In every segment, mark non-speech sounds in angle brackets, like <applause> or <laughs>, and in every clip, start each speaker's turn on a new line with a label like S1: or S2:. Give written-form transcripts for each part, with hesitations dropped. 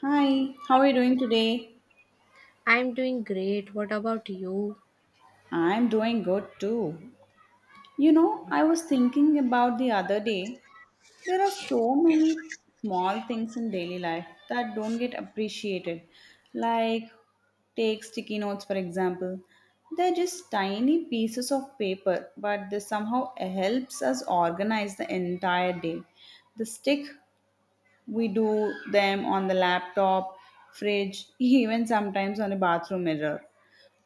S1: Hi, how are you doing today?
S2: I'm doing great. What about you?
S1: I'm doing good too. You know, I was thinking about the other day, there are so many small things in daily life that don't get appreciated. Like, take sticky notes for example. They're just tiny pieces of paper, but they somehow helps us organize the entire day. The stick, we do them on the laptop, fridge, <laughs> even sometimes on a bathroom mirror.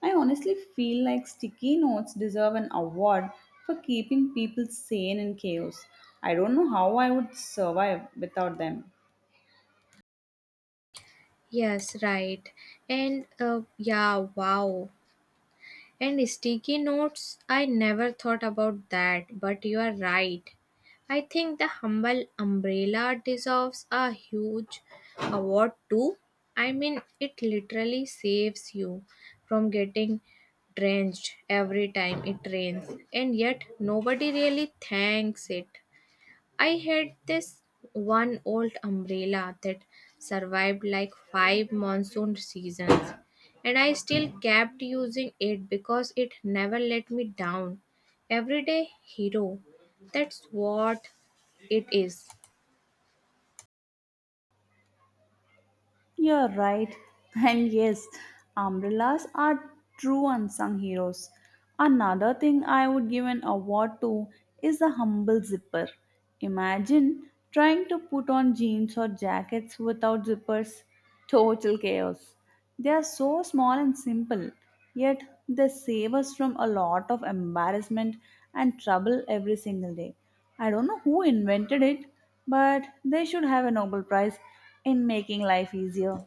S1: I honestly feel like sticky notes deserve an award for keeping people sane in chaos. I don't know how I would survive without them.
S2: Yes, right. And wow. And sticky notes, I never thought about that, but you are right. I think the humble umbrella deserves a huge award too. I mean, it literally saves you from getting drenched every time it rains, and yet nobody really thanks it. I had this one old umbrella that survived like five monsoon seasons, and I still kept using it because it never let me down. Everyday hero, that's what it is.
S1: You're right. And yes, umbrellas are true unsung heroes. Another thing I would give an award to is the humble zipper. Imagine trying to put on jeans or jackets without zippers. Total chaos. They are so small and simple, yet they save us from a lot of embarrassment and trouble every single day. I don't know who invented it, but they should have a Nobel Prize in making life easier.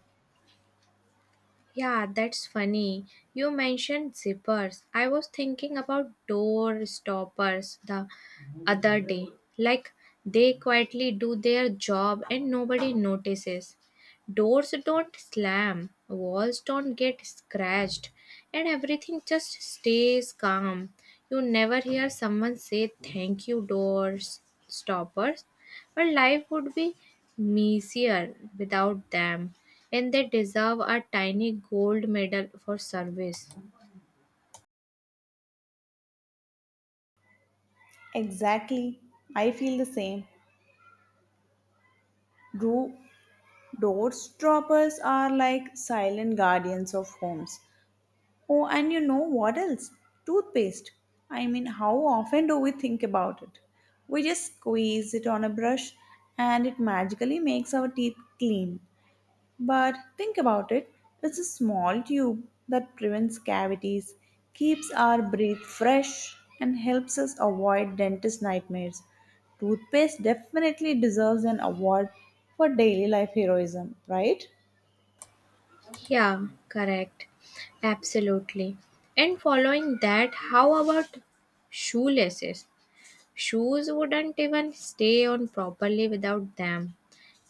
S2: Yeah, that's funny. You mentioned zippers. I was thinking about door stoppers the other day. Like they quietly do their job and nobody notices. Doors don't slam, walls don't get scratched, and everything just stays calm. You never hear someone say thank you, doors stoppers. But life would be messier without them, and they deserve a tiny gold medal for service.
S1: Exactly. I feel the same. Dro- doorstoppers are like silent guardians of homes. Oh, and you know what else? Toothpaste. I mean, how often do we think about it? We just squeeze it on a brush and it magically makes our teeth clean. But think about it, it's a small tube that prevents cavities, keeps our breath fresh, and helps us avoid dentist nightmares. Toothpaste definitely deserves an award for daily life heroism, right?
S2: Yeah, correct. Absolutely. And following that, how about shoelaces? Shoes wouldn't even stay on properly without them.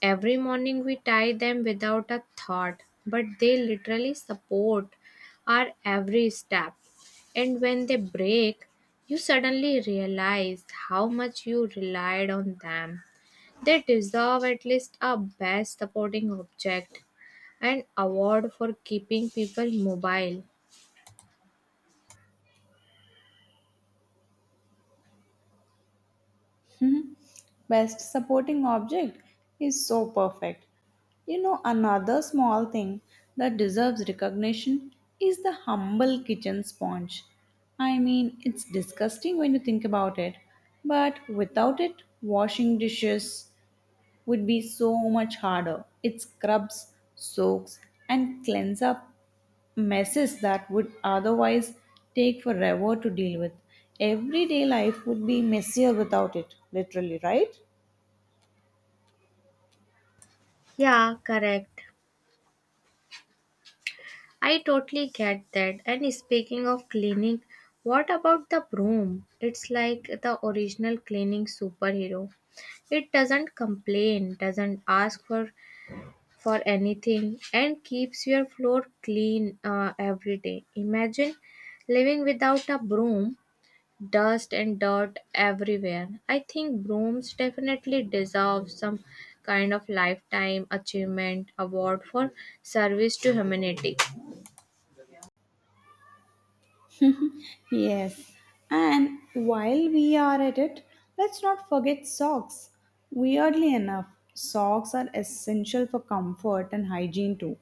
S2: Every morning we tie them without a thought, but they literally support our every step. And when they break, you suddenly realize how much you relied on them. They deserve at least a best supporting object and award for keeping people mobile.
S1: Best supporting object is so perfect. You know, another small thing that deserves recognition is the humble kitchen sponge. I mean, it's disgusting when you think about it, but without it, washing dishes would be so much harder. It scrubs, soaks, and cleans up messes that would otherwise take forever to deal with. Everyday life would be messier without it, literally, right?
S2: Yeah, correct. I totally get that. And speaking of cleaning, what about the broom? It's like the original cleaning superhero. It doesn't complain, doesn't ask for anything, and keeps your floor clean every day. Imagine living without a broom, dust and dirt everywhere. I think brooms definitely deserve some kind of lifetime achievement award for service to humanity.
S1: Yes, and while we are at it, let's not forget socks. Weirdly enough, socks are essential for comfort and hygiene too.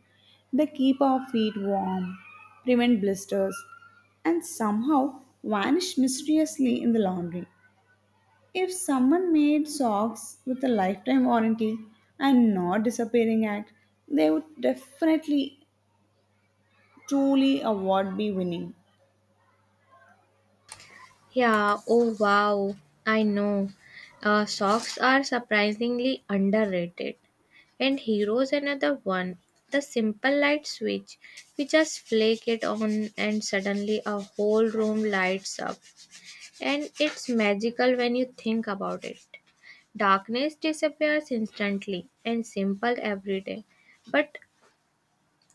S1: They keep our feet warm, prevent blisters, and somehow vanish mysteriously in the laundry. If someone made socks with a lifetime warranty and not disappearing act, they would definitely truly award be winning.
S2: Yeah, oh wow, I know. Socks are surprisingly underrated. And Heroes another one. The simple light switch. We just flick it on and suddenly a whole room lights up. And it's magical when you think about it. Darkness disappears instantly and simple every day. But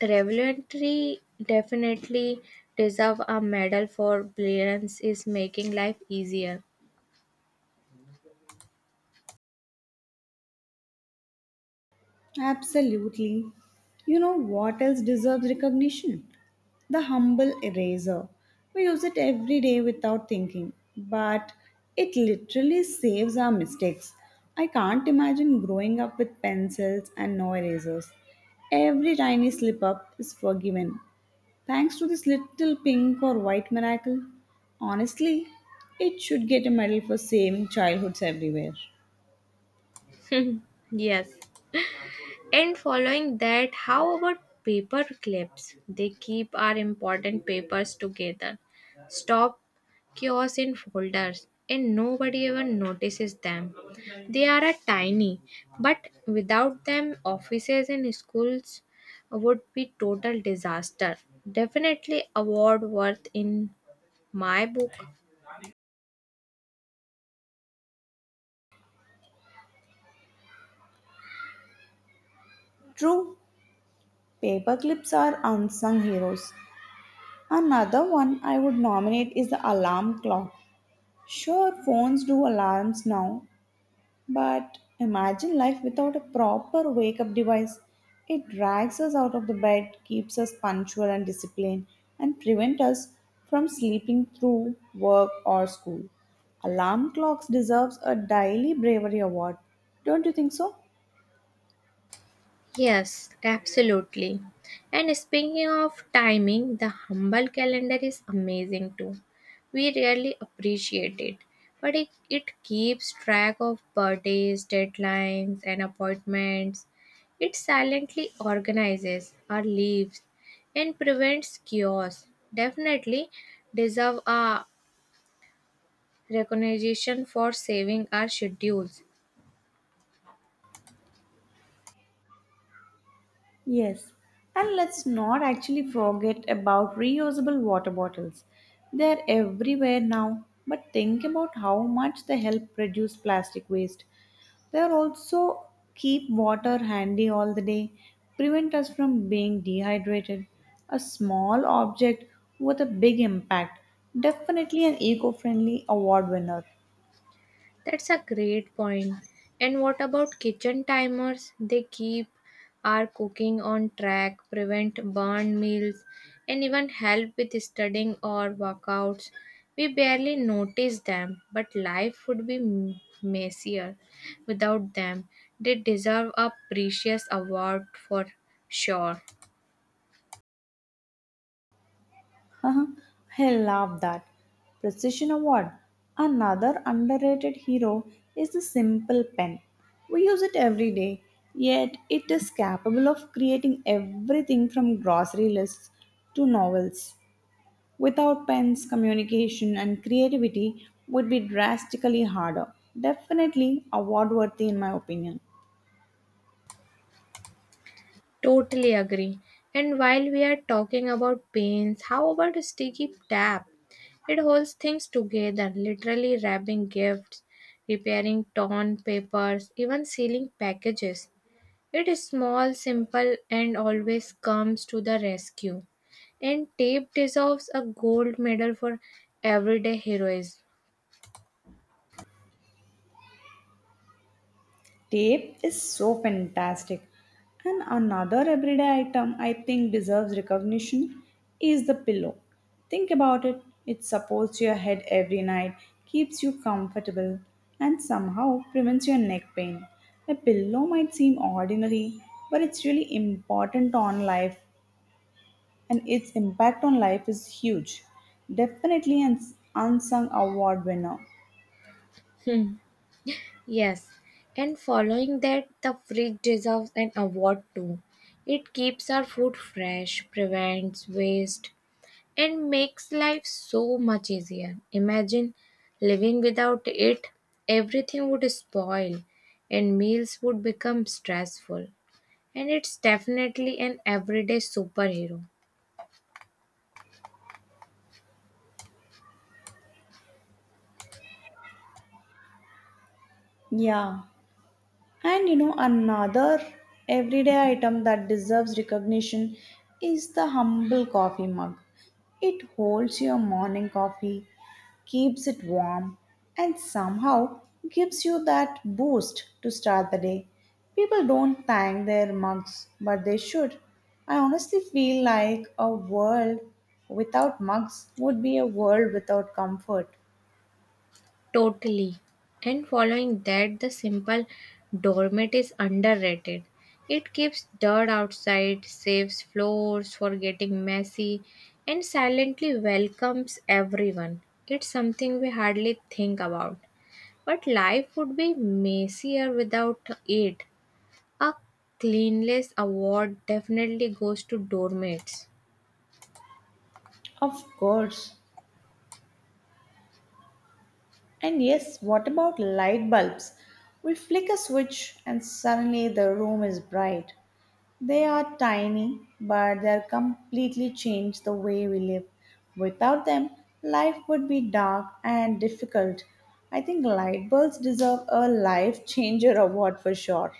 S2: revelatory definitely deserve a medal for brilliance is making life easier.
S1: Absolutely. You know what else deserves recognition? The humble eraser. We use it every day without thinking, but it literally saves our mistakes. I can't imagine growing up with pencils and no erasers. Every tiny slip up is forgiven thanks to this little pink or white miracle. Honestly, it should get a medal for saving childhoods everywhere.
S2: <laughs> Yes. And following that, how about paper clips? They keep our important papers together. Stop kiosks in folders and nobody even notices them. They are a tiny, but without them offices and schools would be total disaster. Definitely award worth in my book.
S1: True, paper clips are unsung heroes. Another one I would nominate is the alarm clock. Sure, phones do alarms now, but imagine life without a proper wake up device. It drags us out of the bed, keeps us punctual and disciplined, and prevents us from sleeping through work or school. Alarm clocks deserves a daily bravery award. Don't you think so?
S2: Yes, absolutely. And speaking of timing, the humble calendar is amazing too. We rarely appreciate it, but it keeps track of birthdays, deadlines, and appointments. It silently organizes our lives and prevents chaos. Definitely deserve a recognition for saving our schedules.
S1: Yes, and let's not actually forget about reusable water bottles. They're everywhere now, but think about how much they help reduce plastic waste. They also keep water handy all the day, prevent us from being dehydrated. A small object with a big impact, definitely an eco friendly award winner.
S2: That's a great point. And what about kitchen timers? They keep our cooking on track, prevent burn meals, and even help with studying or workouts. We barely notice them, but life would be messier without them. They deserve a precious award for sure.
S1: Haha, I love that. Precision Award. Another underrated hero is the simple pen. We use it every day, yet it is capable of creating everything from grocery lists to novels. Without pens, communication and creativity would be drastically harder. Definitely award worthy in my opinion.
S2: Totally agree. And while we are talking about paints, how about a sticky tap? It holds things together, literally wrapping gifts, repairing torn papers, even sealing packages. It is small, simple, and always comes to the rescue. And tape deserves a gold medal for everyday heroism.
S1: Tape is so fantastic. And another everyday item I think deserves recognition is the pillow. Think about it, it supports your head every night, keeps you comfortable, and somehow prevents your neck pain. A pillow might seem ordinary, but it's really important on life, and its impact on life is huge. Definitely an unsung award winner.
S2: Yes, and following that, the fridge deserves an award too. It keeps our food fresh, prevents waste, and makes life so much easier. Imagine living without it, everything would spoil and meals would become stressful. And it's definitely an everyday superhero.
S1: Yeah, and you know, another everyday item that deserves recognition is the humble coffee mug. It holds your morning coffee, keeps it warm, and somehow gives you that boost to start the day. People don't thank their mugs, but they should. I honestly feel like a world without mugs would be a world without comfort.
S2: Totally. And following that, the simple doormat is underrated. It keeps dirt outside, saves floors for getting messy, and silently welcomes everyone. It's something we hardly think about. But life would be messier without it. A cleanliness award definitely goes to doormats.
S1: Of course. And yes, what about light bulbs? We flick a switch and suddenly the room is bright. They are tiny, but they are completely changed the way we live. Without them, life would be dark and difficult. I think light bulbs deserve a life <laughs> changer award for sure.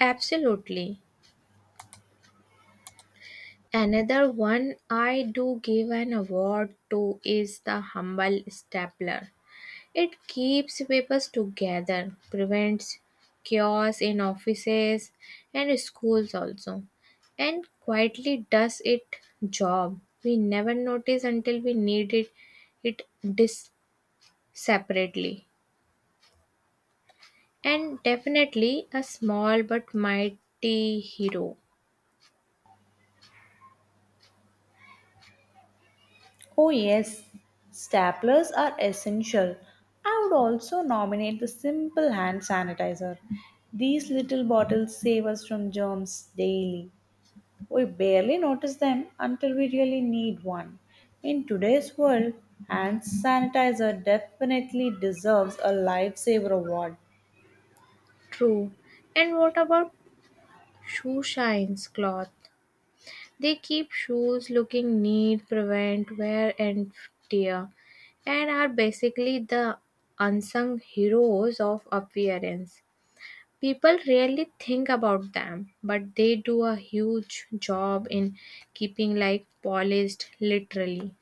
S2: Absolutely. Another one I do give an award to is the humble stapler. It keeps papers together, prevents chaos in offices and schools also, and quietly does its job. We never notice until we need it, it dis- separately. And definitely a small but mighty hero.
S1: Oh, yes, staplers are essential. I would also nominate the simple hand sanitizer. These little bottles save us from germs daily. We barely notice them until we really need one. In today's world, hand sanitizer definitely deserves a lifesaver award.
S2: True. And what about shoe shines cloth? They keep shoes looking neat, prevent wear and tear, and are basically the unsung heroes of appearance. People rarely think about them, but they do a huge job in keeping life polished literally.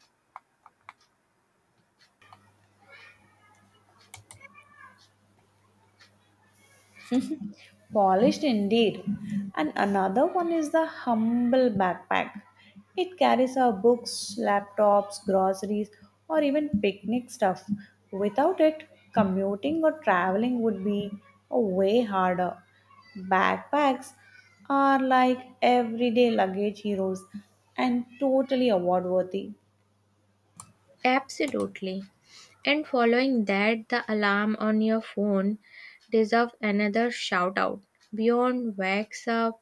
S1: Polished indeed. And another one is the humble backpack. It carries our books, laptops, groceries, or even picnic stuff. Without it, commuting or traveling would be a way harder. Backpacks are like everyday luggage heroes and totally award worthy.
S2: Absolutely. And following that, the alarm on your phone deserves another shout out. Beyond wakes up,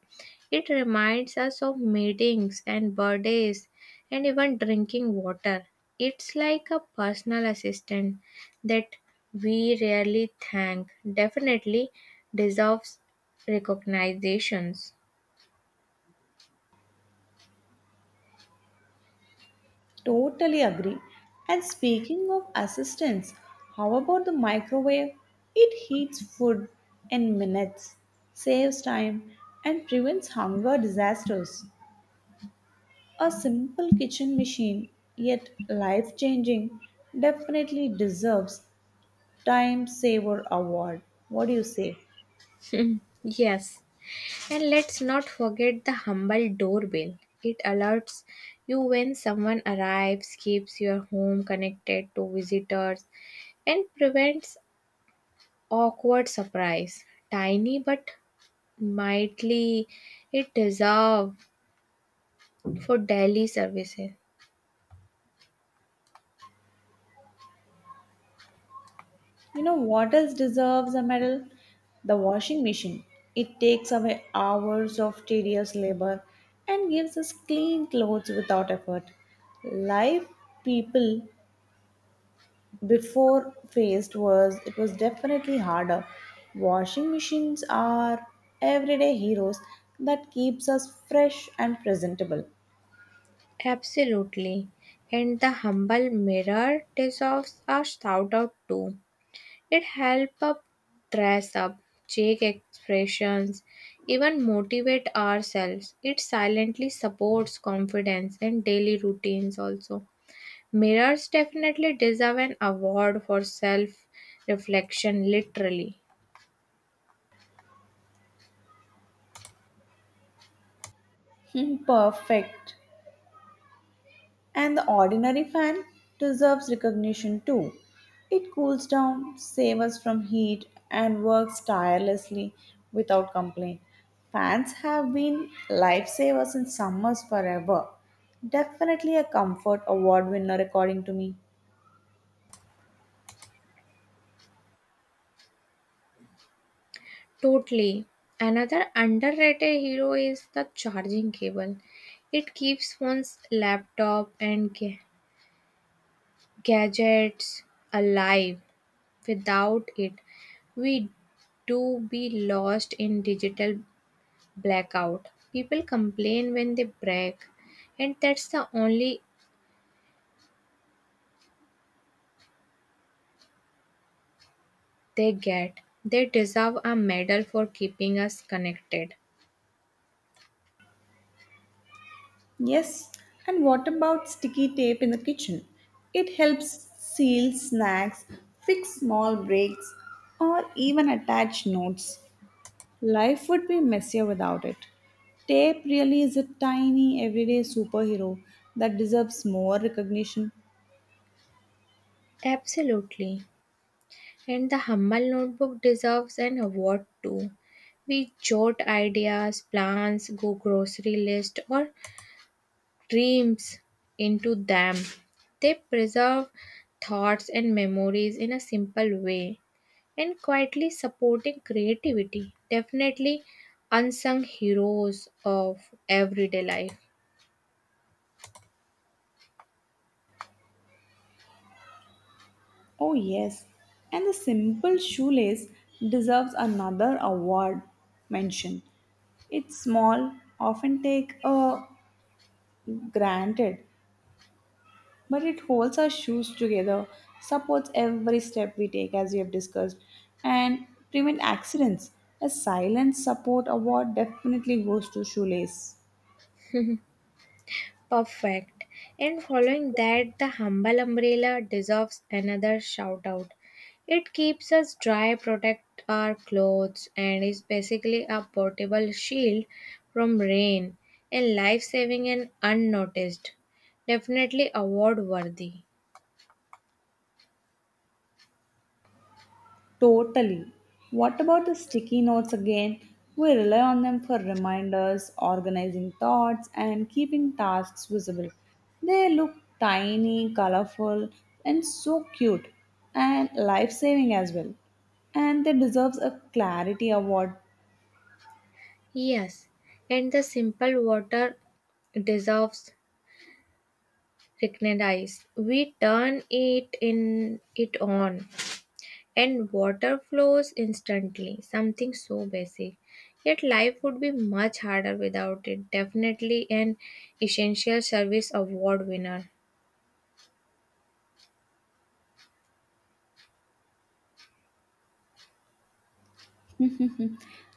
S2: it reminds us of meetings and birthdays and even drinking water. It's like a personal assistant that we rarely thank, definitely deserves recognitions.
S1: Totally agree. And speaking of assistance, how about the microwave? It heats food in minutes, saves time, and prevents hunger disasters. A simple kitchen machine, yet life changing, definitely deserves Time Saver Award. What do you say?
S2: <laughs> Yes. And let's not forget the humble doorbell. It alerts you when someone arrives, keeps your home connected to visitors, and prevents awkward surprise. Tiny but mightily, it deserves for daily services.
S1: You know what else deserves a medal? The washing machine. It takes away hours of tedious labor and gives us clean clothes without effort. Life people before faced was it was definitely harder. Washing machines are everyday heroes that keeps us fresh and presentable. <laughs>
S2: Absolutely. And the humble mirror deserves a shout out too. It helps up dress up, check expressions, even motivate ourselves. It silently supports confidence and daily routines also. Mirrors definitely deserve an award for self reflection, literally.
S1: Hmm, perfect. And the ordinary fan deserves recognition too. It cools down, saves us from heat, and works tirelessly without complaint. Fans have been lifesavers in summers forever. Definitely a comfort award winner, according to me.
S2: Totally. Another underrated hero is the charging cable. It keeps one's laptop and gadgets alive. Without it, we do be lost in digital blackout. People complain when they break, and that's the only they get. They deserve a medal for keeping us connected.
S1: Yes, and what about sticky tape in the kitchen? It helps seal snacks, fix small breaks, or even attach notes. Life would be messier without it. Tape really is a tiny, everyday superhero that deserves more recognition.
S2: Absolutely. And the Humble Notebook deserves an award too. We jot ideas, plans, go grocery list, or dreams into them. They preserve thoughts and memories in a simple way and quietly supporting creativity. Definitely unsung heroes of everyday life.
S1: Oh, yes. And the simple shoelace deserves another award mention. It's small, often take a granted, but it holds our shoes together, supports every step we take, as we have discussed, and prevent accidents. A silent support award definitely goes to shoelace.
S2: Perfect. And following that, the humble umbrella deserves another shout out. It keeps us dry, protect our clothes, and is basically a portable shield from rain and life saving and unnoticed. Definitely award worthy.
S1: Totally. What about the sticky notes again? We rely on them for reminders, organizing thoughts, and keeping tasks visible. They look tiny, colorful, and so cute, and life saving as well. And they deserves a clarity award.
S2: Yes, and the simple water deserves recognized. We turn it on and water flows instantly, something so basic. Yet life would be much harder without it. Definitely an essential service award winner.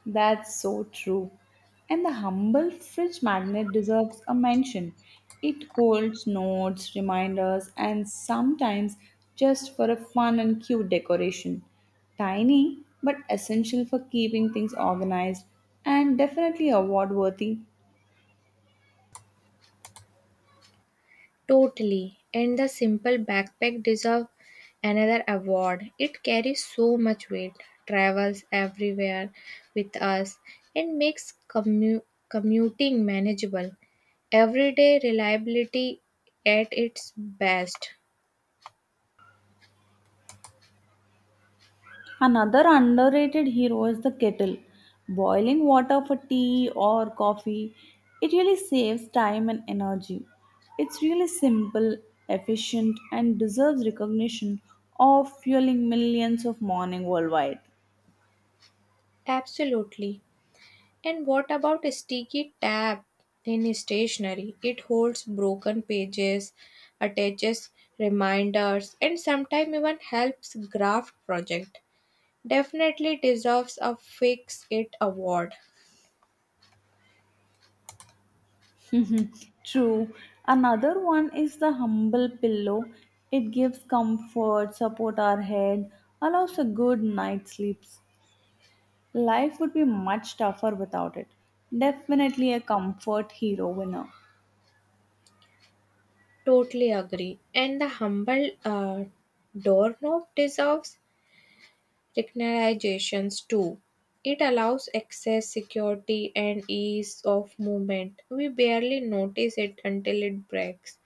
S1: That's so true. And the humble fridge magnet deserves a mention. It holds notes, reminders, and sometimes just for a fun and cute decoration. Tiny, but essential for keeping things organized and definitely award worthy.
S2: Totally. And the simple backpack deserves another award. It carries so much weight, travels everywhere with us, and makes commuting manageable. Everyday reliability at its best.
S1: Another underrated hero is the kettle. Boiling water for tea or coffee, it really saves time and energy. It's really simple, efficient, and deserves recognition of fueling millions of morning worldwide.
S2: Absolutely. And what about a sticky tab in stationery? It holds broken pages, attaches reminders, and sometimes even helps draft project. Definitely deserves a fix it award.
S1: <laughs> True. Another one is the humble pillow. It gives comfort, support our head, allows a good night's sleep. Life would be much tougher without it. Definitely a comfort hero winner.
S2: Totally agree. And the humble doorknob deserves technologizations too. It allows access, security, and ease of movement. We barely notice it until it breaks.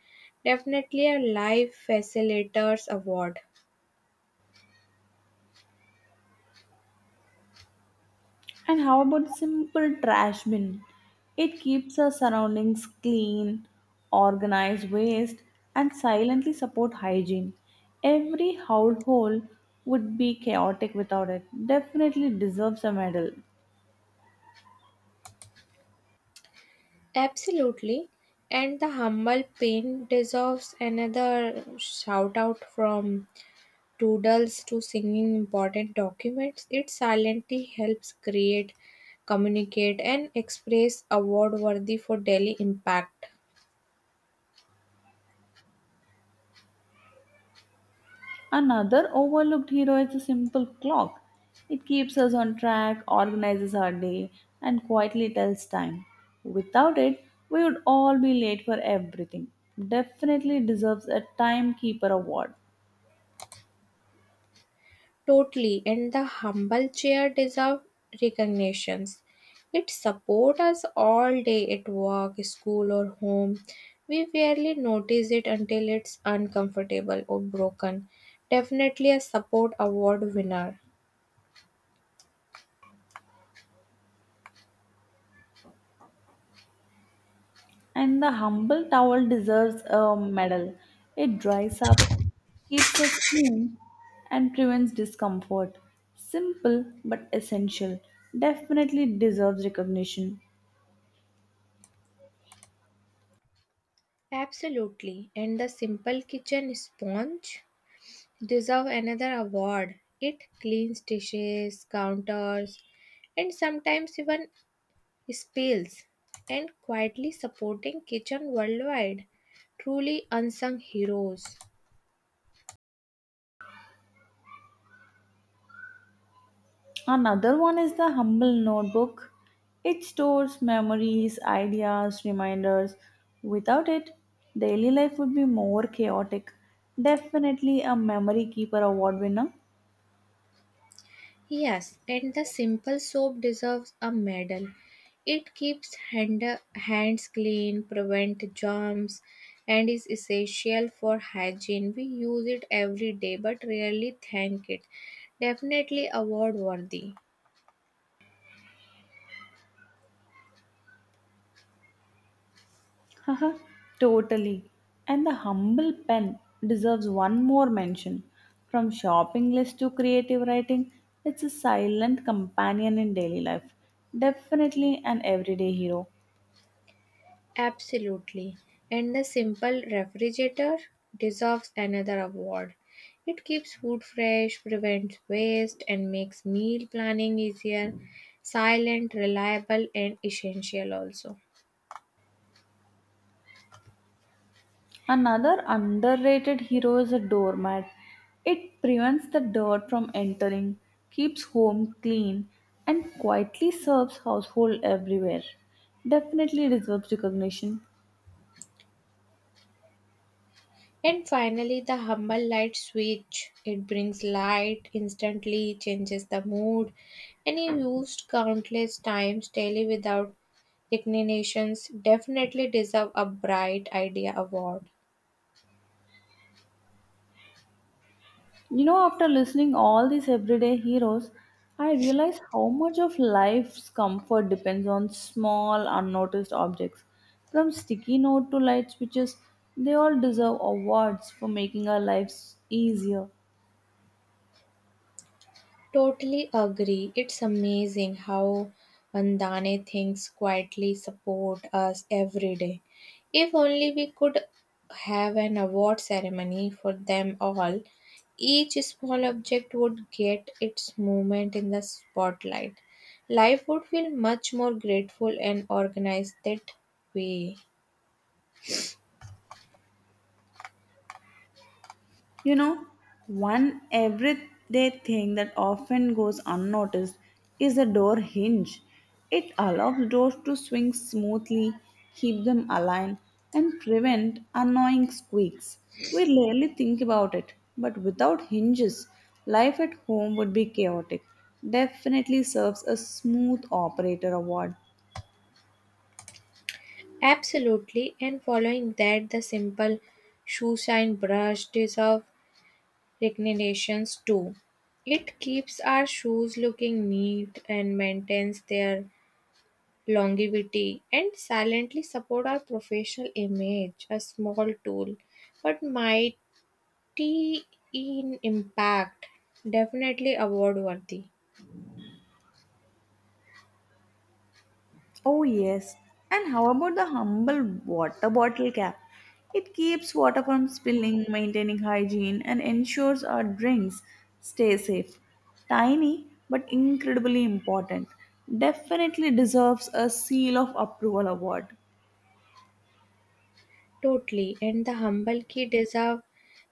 S2: Definitely a life facilitators award.
S1: And how about simple trash bin? It keeps our surroundings clean, organize waste, and silently support hygiene. Every household would be chaotic without it. Definitely deserves a medal.
S2: Absolutely. And the humble pain deserves another shout out from doodles to singing important documents. It silently helps create, communicate, and express award worthy for daily impact.
S1: Another overlooked hero is the simple clock. It keeps us on track, organizes our day, and quietly tells time. Without it, we would all be late for everything. Definitely deserves a timekeeper award.
S2: Totally, and the humble chair deserve recognitions. It supports us all day at work, school, or home. We rarely notice it until it's uncomfortable or broken. Definitely a support award winner.
S1: And the humble towel deserves a medal. It dries up, keeps us clean, and prevents discomfort. Simple but essential. Definitely deserves recognition.
S2: Absolutely, and the simple kitchen sponge deserve another award. It cleans dishes, counters, and sometimes even spills, and quietly supporting kitchen worldwide. Truly unsung heroes.
S1: Another one is the humble notebook. It stores memories, ideas, reminders. Without it, daily life would be more chaotic. Definitely a memory keeper award winner.
S2: Yes, and the simple soap deserves a medal. It keeps hands clean, prevents germs, and is essential for hygiene. We use it every day but rarely thank it. Definitely award worthy.
S1: Haha, totally. And the humble pen deserves one more mention. From shopping list to creative writing, it's a silent companion in daily life. Definitely an everyday hero.
S2: Absolutely. And the simple refrigerator deserves another award. It keeps food fresh, prevents waste, and makes meal planning easier, silent, reliable, and essential also.
S1: Another underrated hero is a doormat. It prevents the dirt from entering, keeps home clean, and quietly serves household everywhere. Definitely deserves recognition.
S2: And finally, the humble light switch. It brings light, instantly changes the mood, and is used countless times daily without recognitions. Definitely deserve a bright idea award.
S1: You know, after listening all these everyday heroes, I realize how much of life's comfort depends on small unnoticed objects. From sticky note to light switches, they all deserve awards for making our lives easier.
S2: Totally agree. It's amazing how mundane things quietly support us every day. If only we could have an award ceremony for them all, each small object would get its moment in the spotlight. Life would feel much more grateful and organized that way.
S1: You know, one everyday thing that often goes unnoticed is the door hinge. It allows doors to swing smoothly, keep them aligned, and prevent annoying squeaks. We rarely think about it, but without hinges, life at home would be chaotic. Definitely serves a smooth operator award.
S2: Absolutely, and following that, the simple shoe shine brush deserve recommendations too. It keeps our shoes looking neat and maintains their longevity and silently support our professional image, a small tool but mighty in impact, definitely award worthy.
S1: Oh, yes. And how about the humble water bottle cap? It keeps water from spilling, maintaining hygiene, and ensures our drinks stay safe. Tiny, but incredibly important. Definitely deserves a seal of approval award.
S2: Totally, and the humble key deserve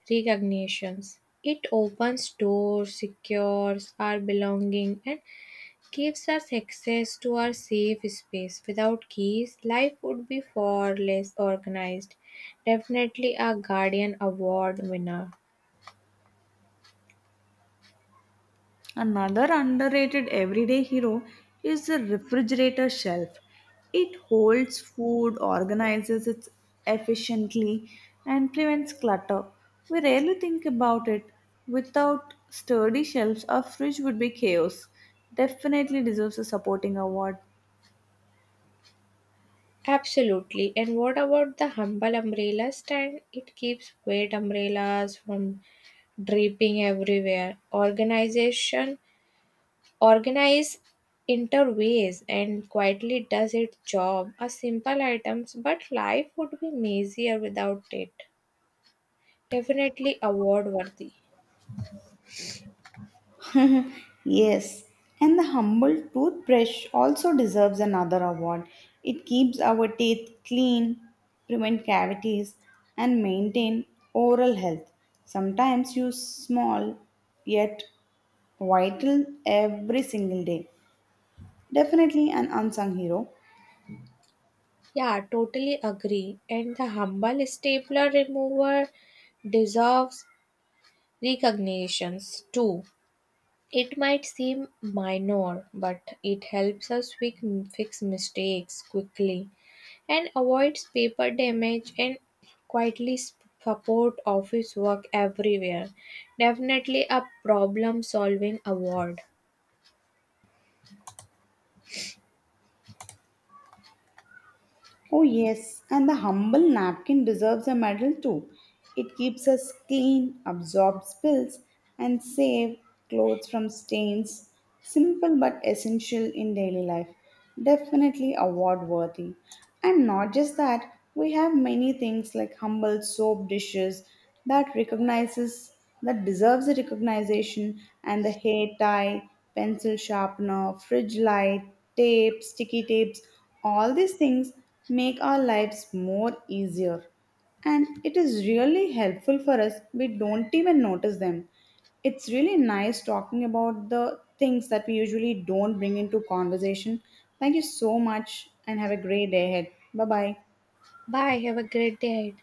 S2: recognitions. It opens doors, secures our belonging, and gives us access to our safe space. Without keys, life would be far less organized. Definitely a Guardian Award winner.
S1: Another underrated everyday hero is the refrigerator shelf. It holds food, organizes it efficiently, and prevents clutter. We rarely think about it. Without sturdy shelves, our fridge would be chaos. Definitely deserves a supporting award.
S2: Absolutely. And what about the humble umbrella stand? It keeps wet umbrellas from dripping everywhere. Organization organize interways and quietly does its job. A simple items, but life would be messier without it. Definitely award worthy.
S1: Yes, and the humble toothbrush also deserves another award. It keeps our teeth clean, prevent cavities, and maintain oral health. Sometimes use small yet vital every single day. Definitely an unsung hero.
S2: Yeah, totally agree. And the humble stapler remover deserves recognitions too. It might seem minor, but it helps us fix mistakes quickly and avoids paper damage and quietly support office work everywhere. Definitely a problem solving award.
S1: Oh, yes, and the humble napkin deserves a medal too. It keeps us clean, absorbs spills, and saves clothes from stains. Simple but essential in daily life. Definitely award worthy. And not just that, we have many things like humble soap dishes that recognizes that deserves the recognition and the hair tie, pencil sharpener, fridge light, tape, sticky tapes, all these things make our lives more easier. And it is really helpful for us. We don't even notice them. It's really nice talking about the things that we usually don't bring into conversation. Thank you so much and have a great day ahead. Bye bye.
S2: Bye, have a great day.